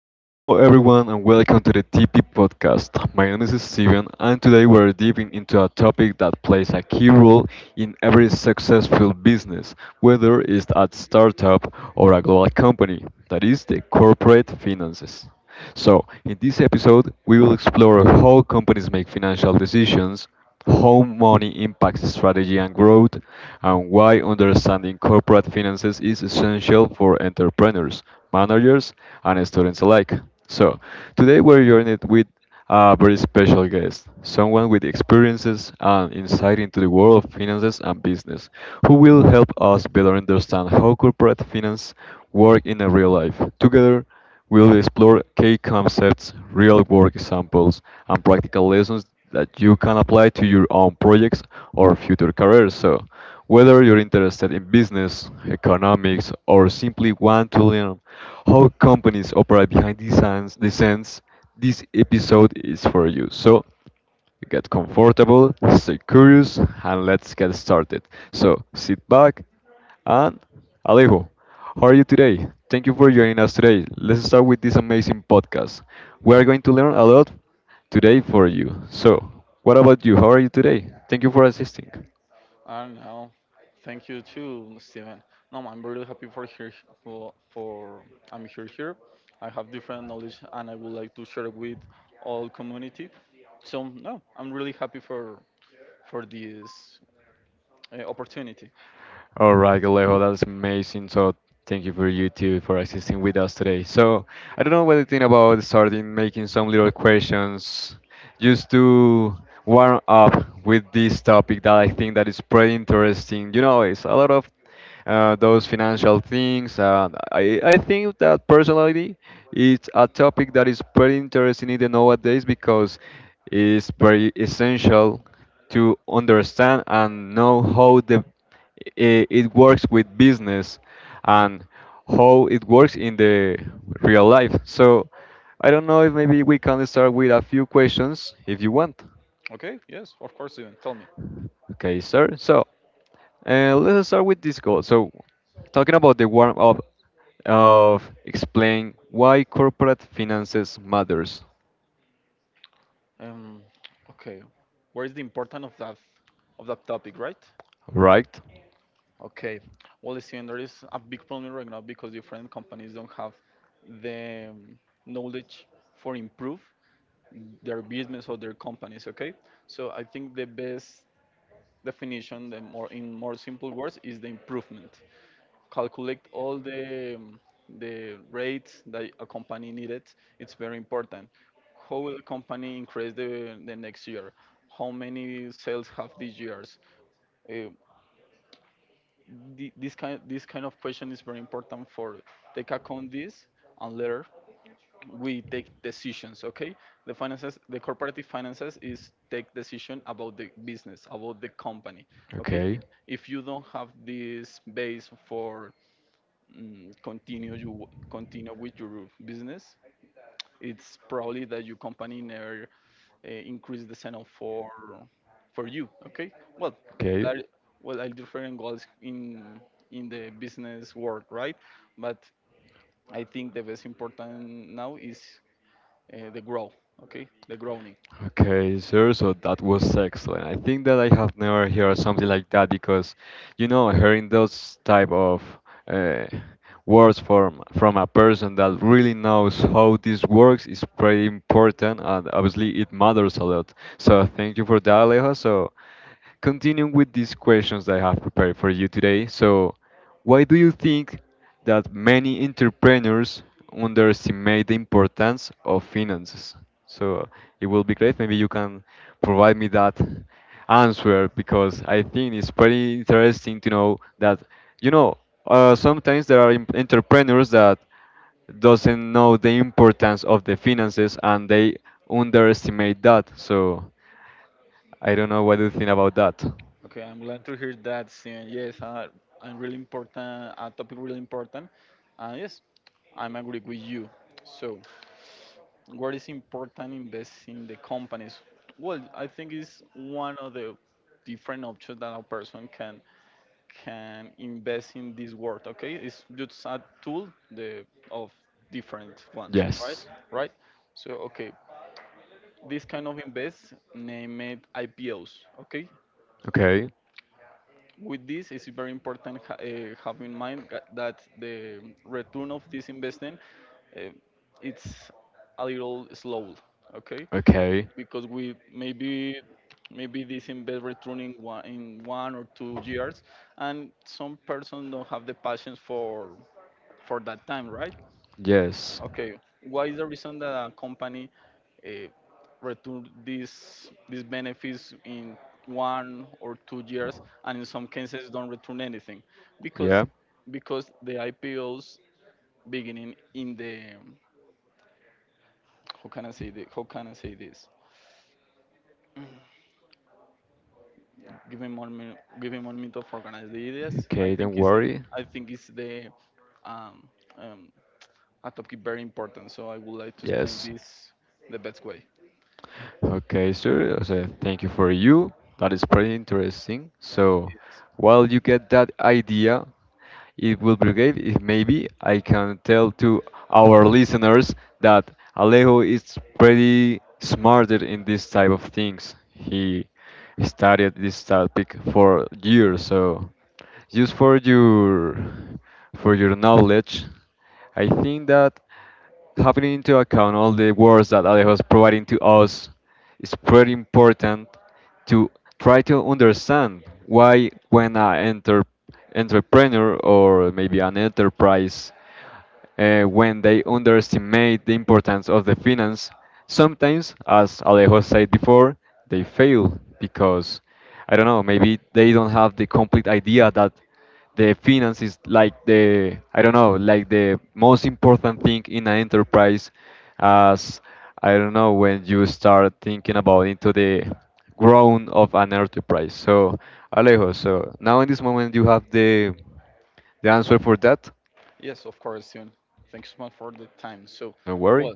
Hello, everyone, and welcome to the TP podcast. My name is Steven, and today we're diving into a topic that plays a key role in every successful business, whether it's a startup or a global company, that is, the corporate finances. So, in this episode, we will explore how companies make financial decisions, how money impacts strategy and growth, and why understanding corporate finances is essential for entrepreneurs, managers, and students alike. So, today we're joined with a very special guest, someone with experiences and insight into the world of finances and business, who will help us better understand how corporate finance work in a real life. Together, we'll explore key concepts, real-world examples, and practical lessons that you can apply to your own projects or future careers. So, whether you're interested in business, economics, or simply want to learn how companies operate behind the scenes, this episode is for you. So, get comfortable, stay curious, and let's get started. So, sit back, and Alejo, how are you today? Thank you for joining us today. Let's start with this amazing podcast. We are going to learn a lot today for you. So, what about you? How are you today? Thank you for assisting. I don't know. Thank you too, Steven. No, I'm really happy for here for I'm here. I have different knowledge and I would like to share with all community. So no, I'm really happy for this opportunity. All right, Alejo, that's amazing. So thank you for you too for assisting with us today. So I don't know what to think about starting making some little questions just to warm up with this topic that I think that is pretty interesting. You know, it's a lot of those financial things. I think that personally, it's a topic that is pretty interesting in nowadays because it's very essential to understand and know how the it works with business and how it works in the real life. So I don't know if maybe we can start with a few questions if you want. Okay, yes, of course, Steven. Tell me. Okay, sir. So let's start with this goal. So talking about the warm up of explain why corporate finances matters, Um, okay, where is the importance of that topic, right? right? Okay, well, Steven, there is a big problem right now because different companies don't have the knowledge for improve their business or their companies, okay. So I think the best definition, the more in more simple words, is the improvement, calculate all the rates that a company needed. It's very important how will the company increase the next year, how many sales have these years, uh, this kind of question is very important for take account this, and later we take decisions. Okay, the finances, the corporative finances is take decision about the business, about the company. Okay, Okay. if you don't have this base for continue, you continue with your business, it's probably that your company never increase the channel for you okay. Well, Okay. there well are different goals in the business world, right? But I think the best important now is the grow, okay, the growing. Okay, sir, so that was excellent. I think that I have never heard something like that because, you know, hearing those type of uh, words from a person that really knows how this works is pretty important, and obviously it matters a lot. So thank you for that, Alejo. So continuing with these questions that I have prepared for you today, so why do you think that many entrepreneurs underestimate the importance of finances? So it will be great. Maybe you can provide me that answer because I think it's pretty interesting to know that you know sometimes there are entrepreneurs that doesn't know the importance of the finances and they underestimate that. So I don't know what do you think about that. Okay, I'm glad to hear that. Saying yes, I'm really important. A topic really important, and yes, I'm agree with you. So, what is important invest in the companies? Well, I think it's one of the different options that a person can invest in this world. Okay, it's just a tool, the of different ones, Yes. right? So, okay, this kind of invest, name it IPOs. Okay, Okay. with this it's very important have in mind that the return of this investment uh, it's a little slow, okay, Okay. because we maybe this invest returning one, in 1 or 2 years, and some person don't have the patience for that time, right. Yes. Okay, what is the reason that a company uh, return these benefits in 1 or 2 years, and in some cases don't return anything, because Yeah. The IPOs beginning in the, how can I say the how can I say this? Mm. Yeah. Give me 1 minute. Give me 1 minute to organize the ideas. Okay, don't worry. I think it's the um, um, a topic very important. So I would like to explain Yes. this the best way. Okay, sir. So thank you for you. That is pretty interesting. So, Yes. while you get that idea, it will be great if maybe I can tell to our listeners that Alejo is pretty smarter in this type of things. He studied this topic for years, so just for your knowledge, I think that having into account all the words that Alejo is providing to us, it's pretty important to try to understand why when an enter entrepreneur or maybe an enterprise when they underestimate the importance of the finance. Sometimes, as Alejo said before, they fail because I don't know, maybe they don't have the complete idea that the finance is like the I don't know, like the most important thing in an enterprise as I don't know when you start thinking about into the grown of an enterprise. So Alejo, so now in this moment you have the answer for that. Yes, of course, Sion. Thanks so much for the time. So, Don't worry. well,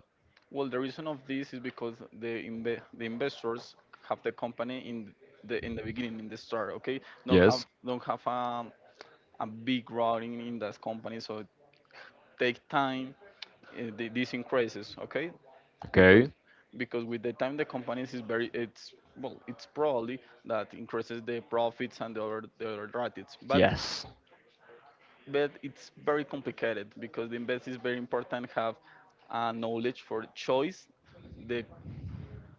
well, the reason of this is because the investors have the company in the beginning, in the start. Okay, Yes. don't have a big routing in that company, so it take time. The, this increases, okay, because Okay. With the time the companies is very, it's well, it's probably that increases the profits and the other ratings, but Yes. It's very complicated because the invest is very important have knowledge for choice the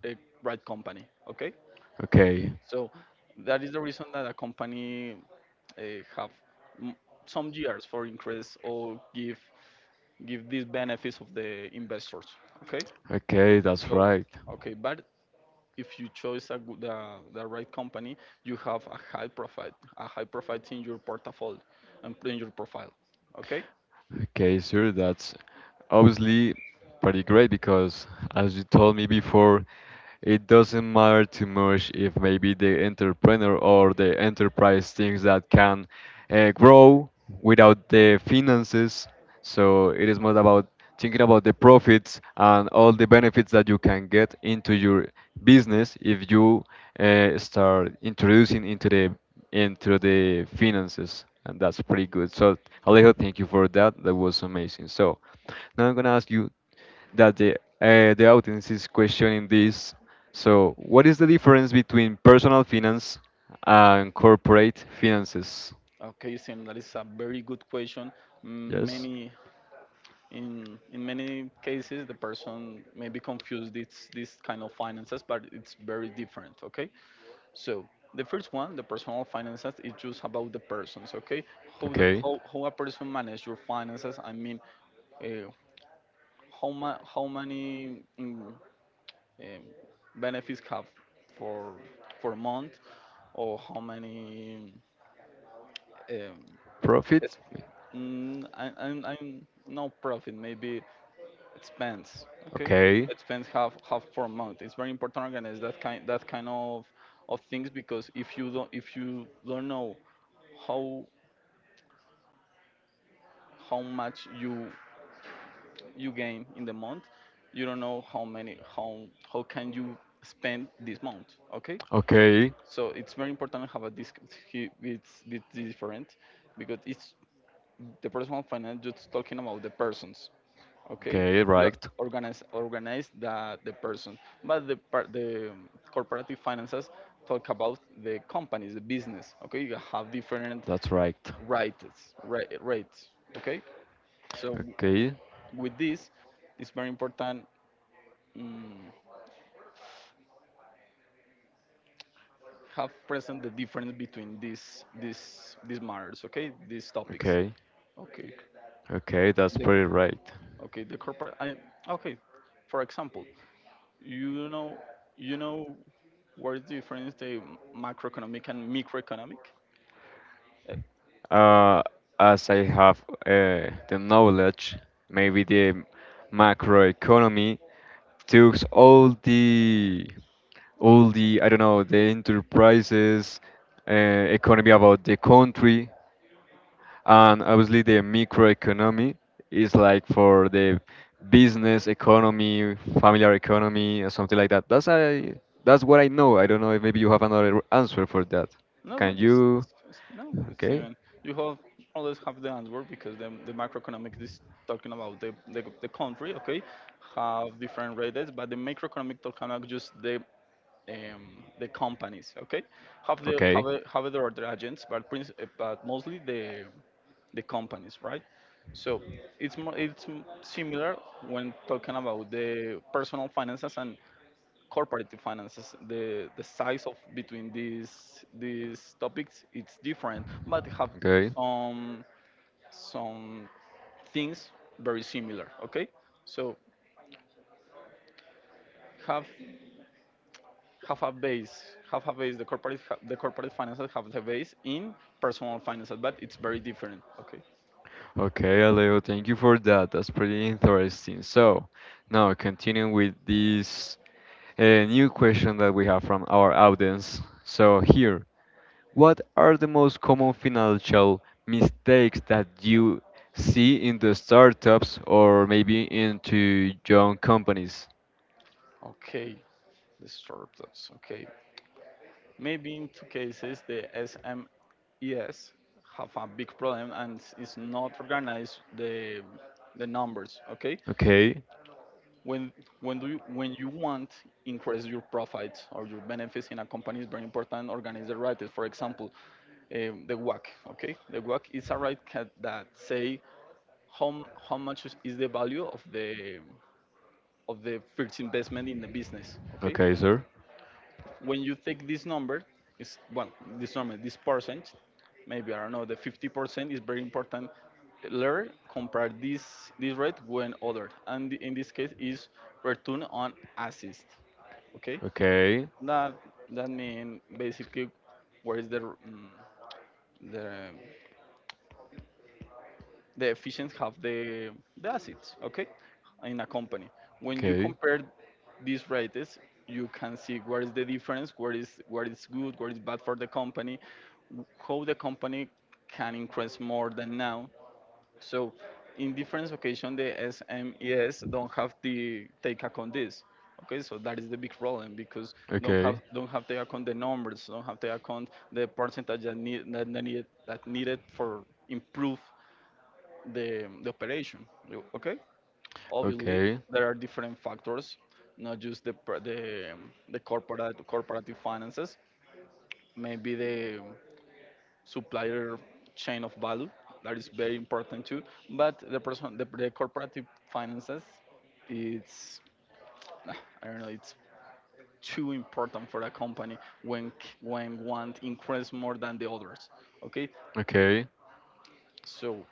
uh, right company, okay. Okay. So that is the reason that a company uh, have m- some years for increase or give these benefits of the investors, okay. Okay, that's So, right. okay, but if you choose a good, the right company, you have a high profit in your portfolio and in your profile, okay. Okay, sir, that's obviously pretty great because as you told me before, it doesn't matter too much if maybe the entrepreneur or the enterprise thinks that can grow without the finances. So it is more about thinking about the profits and all the benefits that you can get into your business if you start introducing into the finances. And that's pretty good. So Alejo, thank you for that. That was amazing. So now I'm gonna ask you that the audience is questioning this. So, what is the difference between personal finance and corporate finances? Okay, Sam, that is a very good question. Yes. Many in many cases, the person may be confused. It's this kind of finances, but it's very different. Okay, so the first one, the personal finances, is just about the persons. Okay, Okay. How a person manage your finances. I mean, uh, how many um, benefits have for a month, or how many um, Profit? I'm no profit, maybe expense. Okay, Okay. expense half for a month. It's very important to organize that kind of things because if you don't know how how much you gain in the month, you don't know how can you spend this month. Okay, Okay. so it's very important to have a disc. It's different because it's the personal finance just talking about the persons, okay. Okay, The right. Organize the person but the part, the corporative finances talk about the companies, the business, okay. You have different That's right. rates, rates, okay. So Okay. with this it's very important um, have present the difference between these matters, okay, these topics, Okay. okay. Okay, that's The pretty right. okay, the corporate I, okay, for example, you know you know where is the difference, the macroeconomic and microeconomic? Like, Uh, as I have the knowledge, maybe the macroeconomy took all the I don't know the enterprises, economy about the country, and obviously the microeconomy is like for the business economy, familiar economy, or something like that. That's what I know. I don't know if maybe you have another answer for that. no Can good. It's, you? No, it's Okay. even, you have always have the answer because the macroeconomic is talking about the, the country, okay, have different rates, but the microeconomic talking about just the companies, okay, Okay. Have their other agents, but but mostly the companies, right? So it's more, similar when talking about the personal finances and corporate finances, the size of between these topics it's different, but have Okay. some some things very similar, okay. So have have a base, the corporate the corporate finances have the base in personal finances, but it's very different, okay. Okay, Alejo, thank you for that. That's pretty interesting. So, now continuing with this new question that we have from our audience. So, here, what are the most common financial mistakes that you see in the startups or maybe into young companies? Okay, the startups, okay. Maybe in two cases, the SMES have a big problem and is not organized the numbers. Okay, Okay, when when do you when you want increase your profits or your benefits in a company is very important. Organize the right. For example, the WAC. Okay, the WAC is a right that say how much is the value of the first investment in the business. Okay, okay, sir. when you take this number, it's well, this number, this percent, maybe I don't know, the 50% is very important. Learn compare this rate when ordered, and in this case is return on assist. Okay, Okay, that that means basically where is the the the efficients have the assets, okay, in a company. When you okay, compare these rates, you can see where is the difference, where is good, where is bad for the company, how the company can increase more than now. So, in different occasions, the SMEs don't have the take account this. Okay, so that is the big problem because okay, don't have take account the numbers, don't have take account the percentage that that needed for improve the operation. Okay, obviously okay, there are different factors, not just the corporate corporative finances, maybe the supplier chain of value, that is very important too. But the corporative finances, it's ah, I don't know, it's too important for a company when when one increase more than the others, okay. okay, So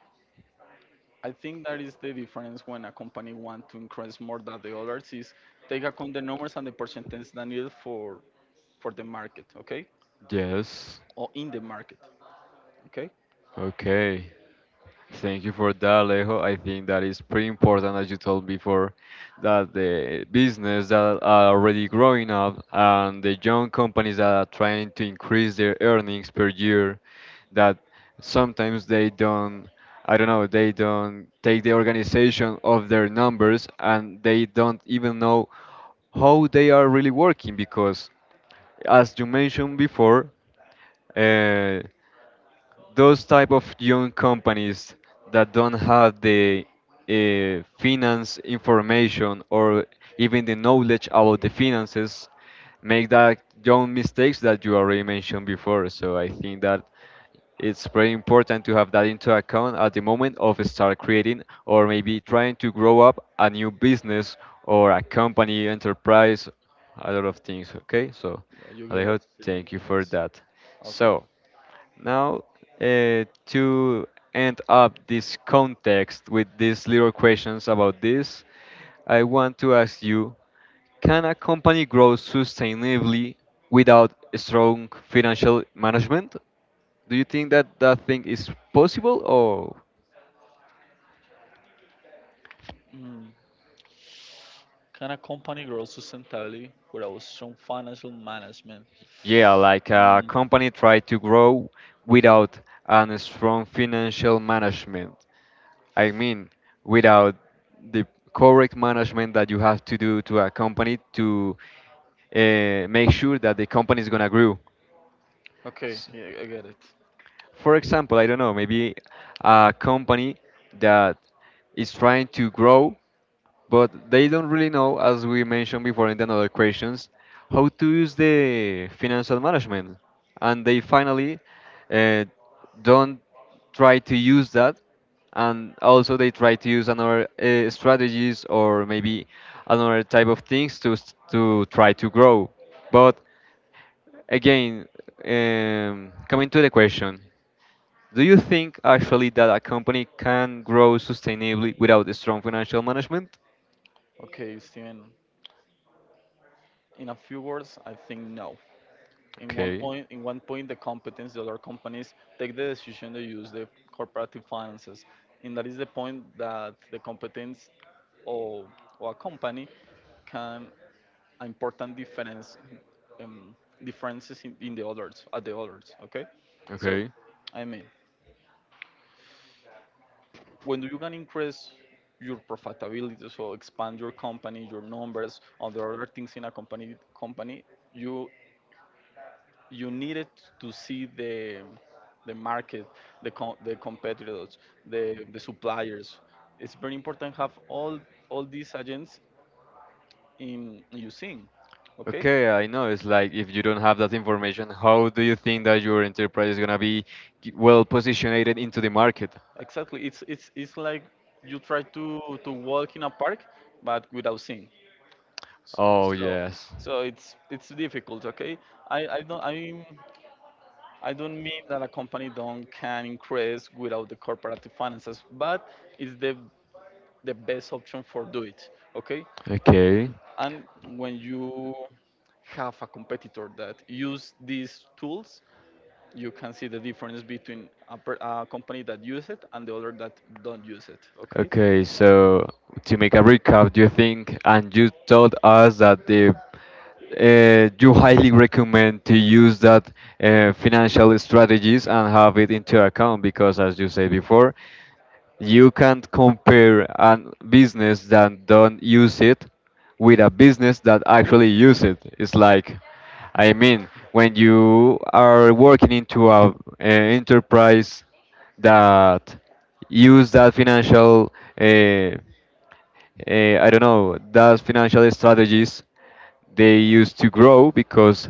I think that is the difference when a company want to increase more than the others is take account the numbers and the percentage that needed for the market, okay, yes, or in the market, okay. okay. Thank you for that, Alejo. I think that is pretty important, as you told before, that the business that are already growing up and the young companies that are trying to increase their earnings per year, that sometimes they don't, I don't know, they don't take the organization of their numbers and they don't even know how they are really working because, as you mentioned before, uh, those type of young companies that don't have the finance information or even the knowledge about the finances make that young mistakes that you already mentioned before. So I think that it's very important to have that into account at the moment of start creating or maybe trying to grow up a new business or a company enterprise, a lot of things. Okay, so Yeah, you get Alejo, it, Steven. thank you for Yes. that. Okay. So now, to end up this context with these little questions about this, I want to ask you, can a company grow sustainably without a strong financial management? Do you think that that thing is possible or Mm. Can a company grow sustainably without strong financial management? yeah, like a Mm. company try to grow without a strong financial management? I mean, without the correct management that you have to do to a company to make sure that the company is gonna grow. Okay, S- yeah, I get it. For example, I don't know, maybe a company that is trying to grow, but they don't really know, as we mentioned before in the other questions, how to use the financial management, and they finally uh, don't try to use that and also they try to use another strategies or maybe another type of things to to try to grow but again, coming to the question, do you think actually that a company can grow sustainably without a strong financial management? Okay, Steven. In a few words, I think no. In Okay, one point, the competence, the other companies take the decision to use the corporative finances, and that is the point that the competence of, a company can an important difference, um, differences in the others at the others, okay. So okay, I mean, when you can increase your profitability, so expand your company, your numbers, other things in a company, you needed to see the market, the the competitors, the suppliers. It's very important have all these agents in you seeing, okay. okay. I know it's like if you don't have that information, how do you think that your enterprise is gonna be well positioned into the market? Exactly. It's it's like you try to walk in a park but without seeing. S- Oh So yes. so it's difficult. Okay. I I don't I. I don't mean that a company don't can increase without the corporate finances, but it's the best option for do it, okay. Okay. And when you have a competitor that use these tools, you can see the difference between a company that use it and the other that don't use it. Okay. Okay, so to make a recap, do you think, and you told us that the you highly recommend to use that financial strategies and have it into account because, as you said before, you can't compare a business that don't use it with a business that actually use it. It's like, I mean, when you are working into a enterprise that use that financial uh, I don't know, those financial strategies they used to grow because,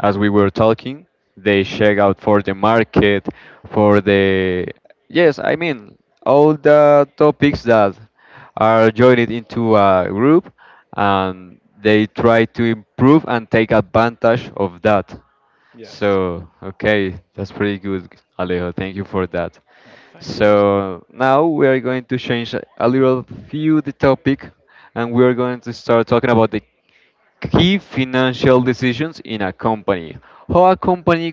as we were talking, they check out for the market, for the yes, I mean all the topics that are joined into a group, and they try to improve and take advantage of that. Yes. So, okay, that's pretty good, Alejo. Thank you for that. Oh, thank you. Just So, now we are going to change a little few the topic and we are going to start talking about the key financial decisions in a company. How a company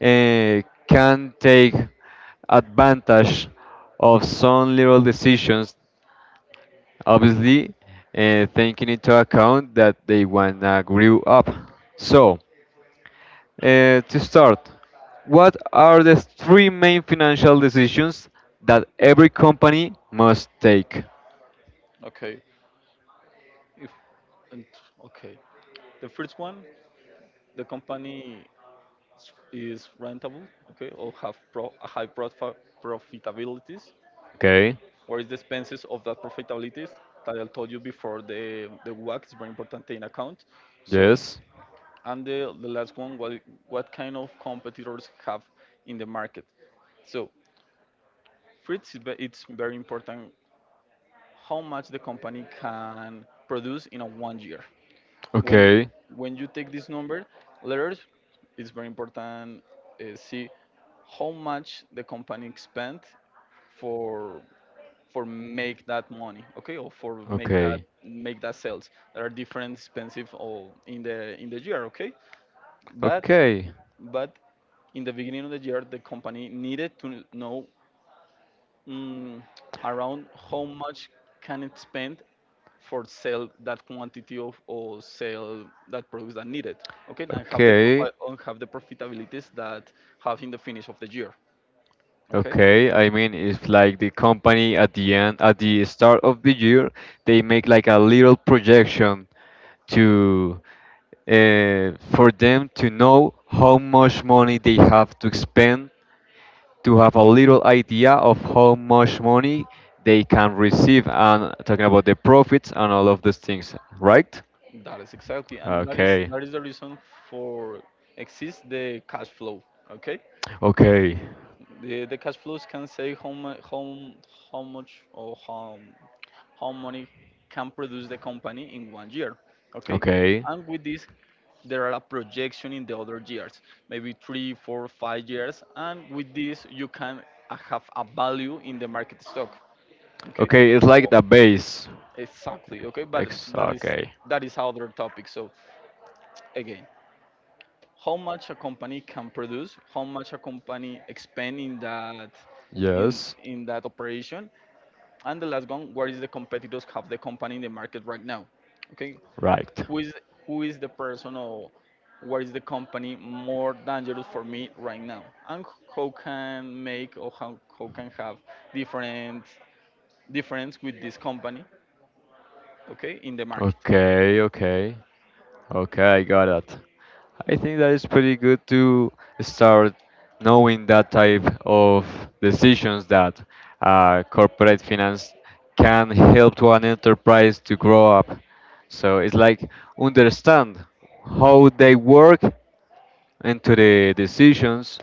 uh, can take advantage of some little decisions, obviously taking into account that they wanna grow up. So, to start, what are the three main financial decisions that every company must take? okay. If and okay, the first one, the company is rentable. Okay, or have a high profitabilities. Okay. What is the expenses of that profitabilities that I told you before? The WACC is very important in account. So. Yes. And the last one, what, kind of competitors have in the market? So for it's it's very important how much the company can produce in a one year. When you Okay. when you take this number, letters, it's very important see how much the company spent for make that money, okay, or for make that Okay. make that sales. There are different expensive all in the year, okay. But Okay. but in the beginning of the year, the company needed to know mm, around how much can it spend for sell that quantity of or sell that products that needed, okay, and have Okay. And have the profitabilities that have in the finish of the year, okay. Okay. I mean, it's like the company at the end, at the start of the year, they make like a little projection to for them to know how much money they have to spend to have a little idea of how much money they can receive and talking about the profits and all of those things, right? That is exactly, and that is Okay, that is the reason for exists the cash flow, okay. okay, The cash flows can say how how much or how money can produce the company in one year. Okay, okay. and with this, there are a projection in the other years, maybe three, four, five years, and with this you can have a value in the market stock. Okay. Okay, it's like Well, the base. exactly. Okay, but but it's Okay. that is other topic. So again how much a company can produce, how much a company expend in that in Yes. in that operation, and the last one, where is the competitors have the company in the market right now? Okay, Right. who is who is the person or where is the company more dangerous for me right now, and how can make or how can have different difference with this company, okay, in the market, Okay, okay. Okay, I got it. I think that is pretty good to start knowing that type of decisions that corporate finance can help to an enterprise to grow up. So it's like understand how they work into the decisions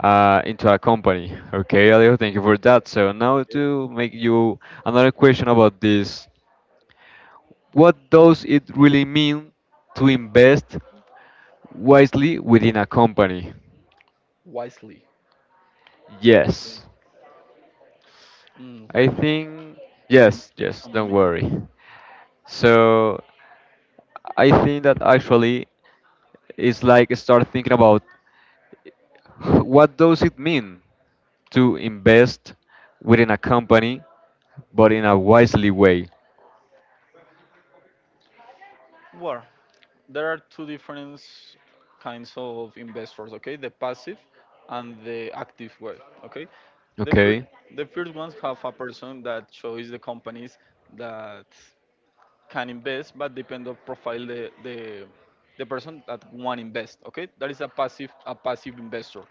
into a company. Okay, Leo, thank you for that. So now okay, to make you another question about this, what does it really mean to invest wisely within a company? wisely. Okay. Yes, Mm, let I me think let me yes, take yes. some Don't minutes. worry. So I think that actually it's like start thinking about what does it mean to invest within a company, but in a wisely way. War, there are two different kinds of investors, okay, the passive and the active way, okay. the first Okay, the first ones have a person that shows the companies that can invest but depend on profile the person that want invest, okay, that is a passive, a passive investor.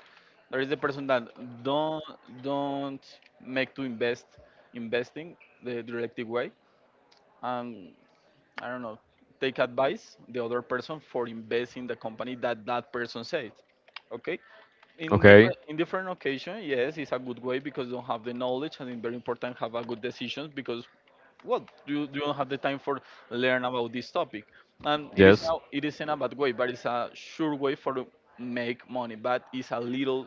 There is the person that don't don't make to invest investing the directive way, and I don't know, take advice the other person for invest in the company that that person said. Okay, in okay, different in different occasion, yes, it's a good way because you don't have the knowledge and it's very important have a good decisions because what you don't have the time for learn about this topic, and it is yes, now it isn't a bad way, but it's a sure way for to make money, but it's a little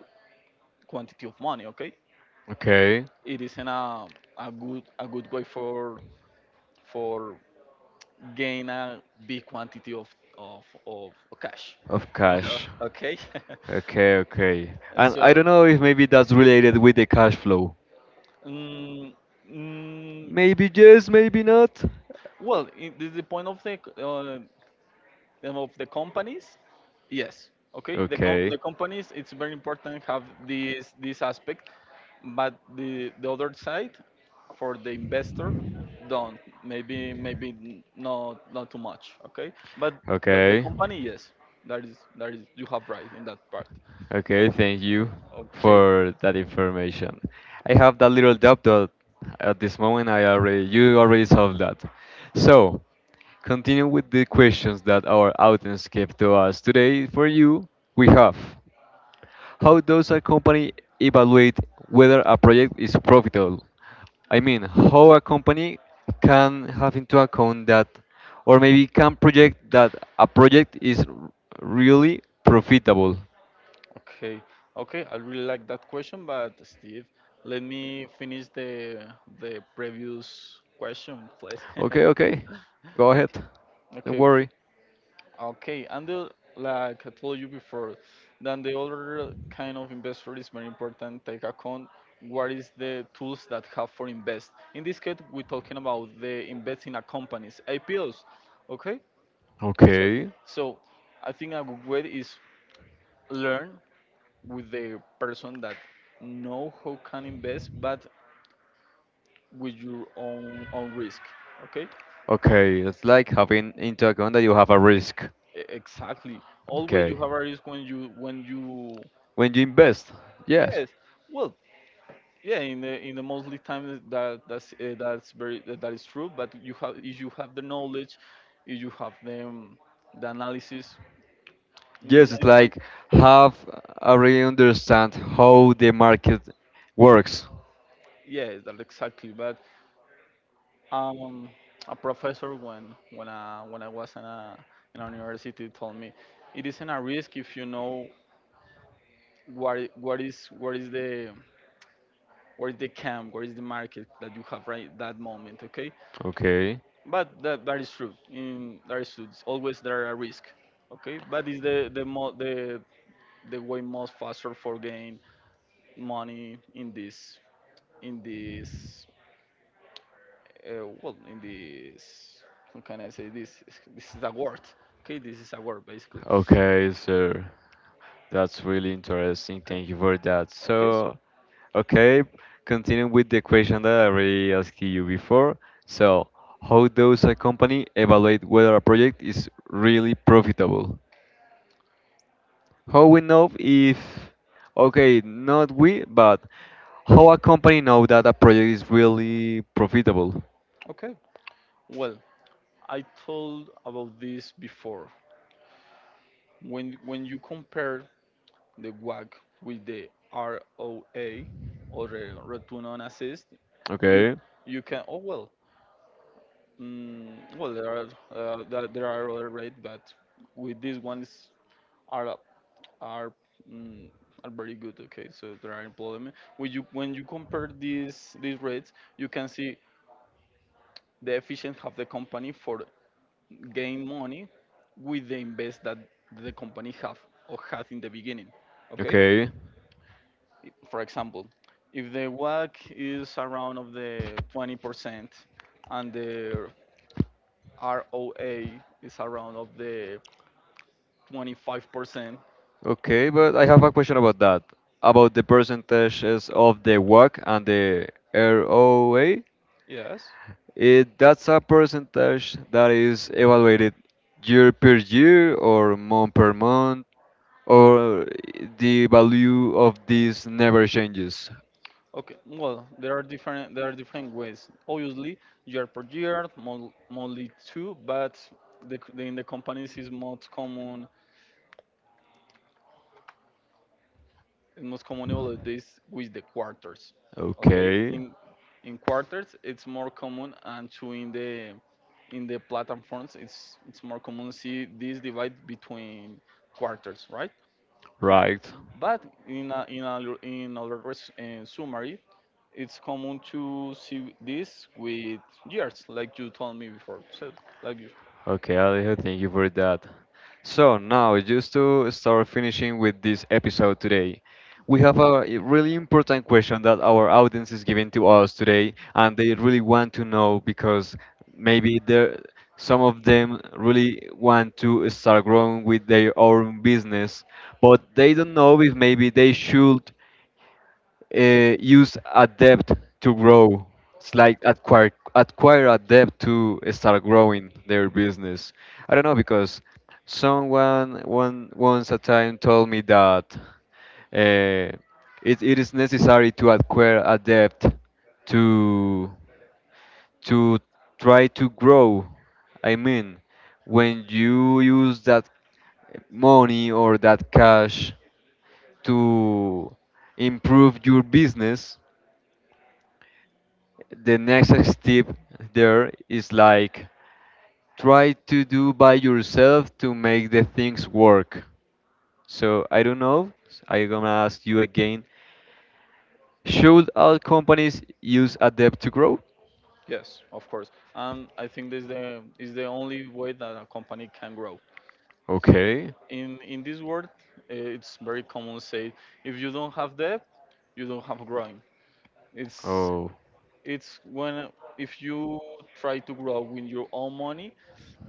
quantity of money. Okay, okay, it isn't a good, a good way for gain a big quantity of of cash. of cash. Okay, Okay, okay. and And I so don't know if maybe that's related with the cash flow. mm, mm, Maybe yes, maybe not. well, the point of of the companies, yes, okay, Okay. the companies it's very important have this, this aspect, but the other side for the investor don't, maybe maybe not, not too much, okay, but but the Okay. company yes, that is, that is you have right in that part. Okay, Okay, thank you for that information. I have that little doubt that at this moment I already you already solved that. So, continue with the questions that our audience gave to us today. For you, we have. How does a company evaluate whether a project is profitable? I mean, how a company can have into account that, or maybe can project that a project is really profitable. okay, okay. I really like that question, but Steve, let me finish the previous question, please. Okay, okay, go ahead. Okay, Don't okay, worry. okay. And the, like I told you before, then the other kind of investor is very important. Take account what is the tools that have for invest. In this case, we're talking about the investing in a companies, IPOs. Okay, so Okay, so I think a good way is learn with the person that know how can invest but with your own, own risk, okay. okay, it's like having into account that you have a risk. Exactly, always Okay. you have a risk when you When you invest, yes. yes, well, yeah, in the mostly time that that's very that, that is true but you have, if you have the knowledge, if you have the analysis, mm, Yes, it's I- I- like have I really understand how the market works. yes, that exactly, but Um, a professor when when I was in a university told me it isn't a risk if you know what what is the where is the camp, where is the market that you have right that moment, okay? Okay. But that, that is true. In that is true. It's always there are a risk, okay? But it's the way most faster for gain money in this well in this how can I say this this is a word, okay, this is a word basically. Okay, sir. That's really interesting. Okay, Thank you for that. okay, so So, okay, continuing with the question that I already asked you before. So, how does a company evaluate whether a project is really profitable? How we know if, okay, not we, but how a company know that a project is really profitable? okay, well I told about this before, when you compare the wag with the roa or the return on assist, you Okay, you can, oh well, well there are there, there are other rates but with this one is are are mm, are very good. Okay, so there are employment. When you compare these rates, you can see the efficiency of the company for gain money with the invest that the company have or had in the beginning. Okay, okay. For example, if the WACC is around of the 20% and the ROA is around of the 25%, Okay, but I have a question about that, about the percentages of the WACC and the ROA. yes. It, that's a percentage that is evaluated year per year or month per month, or the value of this never changes. Okay, well, there are different, there are different ways. Obviously, year per year, monthly too, but in the companies is most common, most commonable is this with the quarters. Okay, Okay, in quarters it's more common, and to in the platforms it's more common to see this divide between quarters, right? right. But in other res, summary, it's common to see this with years, like you told me before. So, like you, Okay, Alejo, thank you for that. So now, just to start finishing with this episode today, we okay, have a really important question that our audience is giving to us today, and they really want to know because maybe there some of them really want to start growing with their own business, but they don't know if maybe they should use a depth to grow. It's like acquire a depth to start growing their business. I don't know because someone one once a time told me that uh, it is necessary to acquire a depth to to try to grow. I mean, when you use that money or that cash to improve your business, the next step there is like try to do by yourself to make the things work. So I don't know. I'm gonna ask you again. Should all companies use Adapt to Grow? yes, of course. And I think this the is the only way that a company can grow. Okay. In this world, it's very common say if you don't have debt, you don't have growing. It's Oh, it's when if you try to grow with your own money,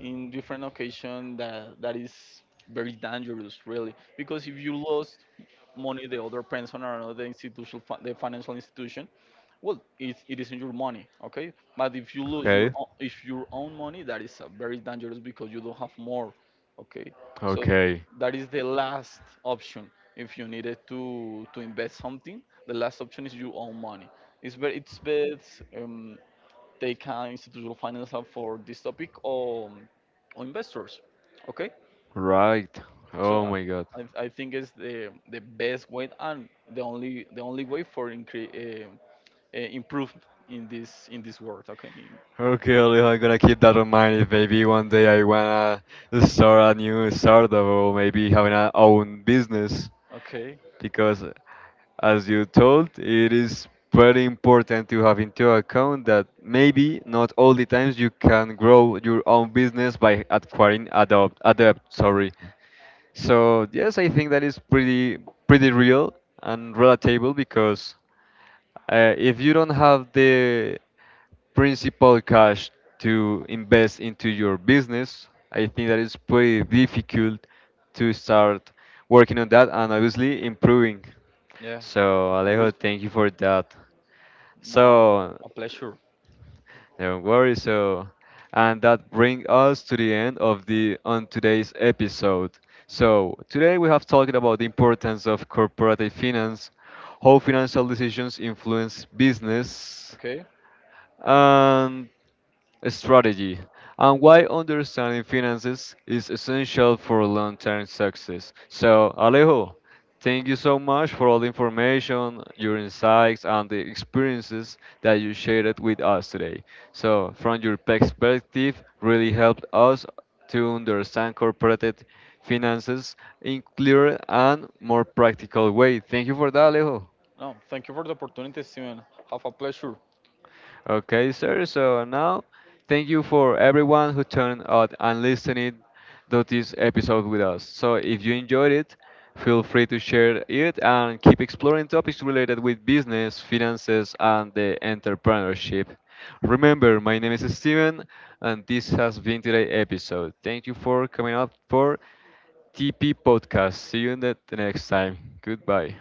in different occasions, that that is very dangerous really because if you lost money the other person or another institution the financial institution, well it isn't your money, okay, but if you lose your own, if your own money, that is very dangerous because you don't have more, okay, so okay, that is the last option if you needed to invest something, the last option is your own money. It's very it's best they can institutional finance out for this topic, or investors. Okay, right. so Oh my God. I think it's the best way and the only, the only way for improve in this world. Okay, Okay, Leo, I'm gonna keep that in mind. If maybe one day I wanna start a new startup or maybe having a own business, okay, because as you told, it is very important to have into account that maybe not all the times you can grow your own business by acquiring adopt adept, sorry. So yes, I think that is pretty pretty real and relatable because if you don't have the principal cash to invest into your business, I think that it's pretty difficult to start working on that and obviously improving. yeah. So, A Alejo, reason. thank you for that. No, So, a pleasure. don't worry. So, and that brings us to the end of the on today's episode. So today we have talked about the importance of corporate finance, how financial decisions influence business, Okay. and strategy, and why understanding finances is essential for long term success. So, Alejo, thank you so much for all the information, your insights, and the experiences that you shared with us today. So, from your perspective, really helped us to understand corporate finances in clearer and more practical way. Thank you for that, Alejo. No, thank you for the opportunity, Steven. Have a pleasure. Okay, sir. So now, thank you for everyone who turned out and listened to this episode with us. So if you enjoyed it, feel free to share it and keep exploring topics related with business, finances, and the entrepreneurship. Remember, my name is Steven, and this has been today's episode. Thank you for coming up for TP Podcast. See you in the next time. Goodbye.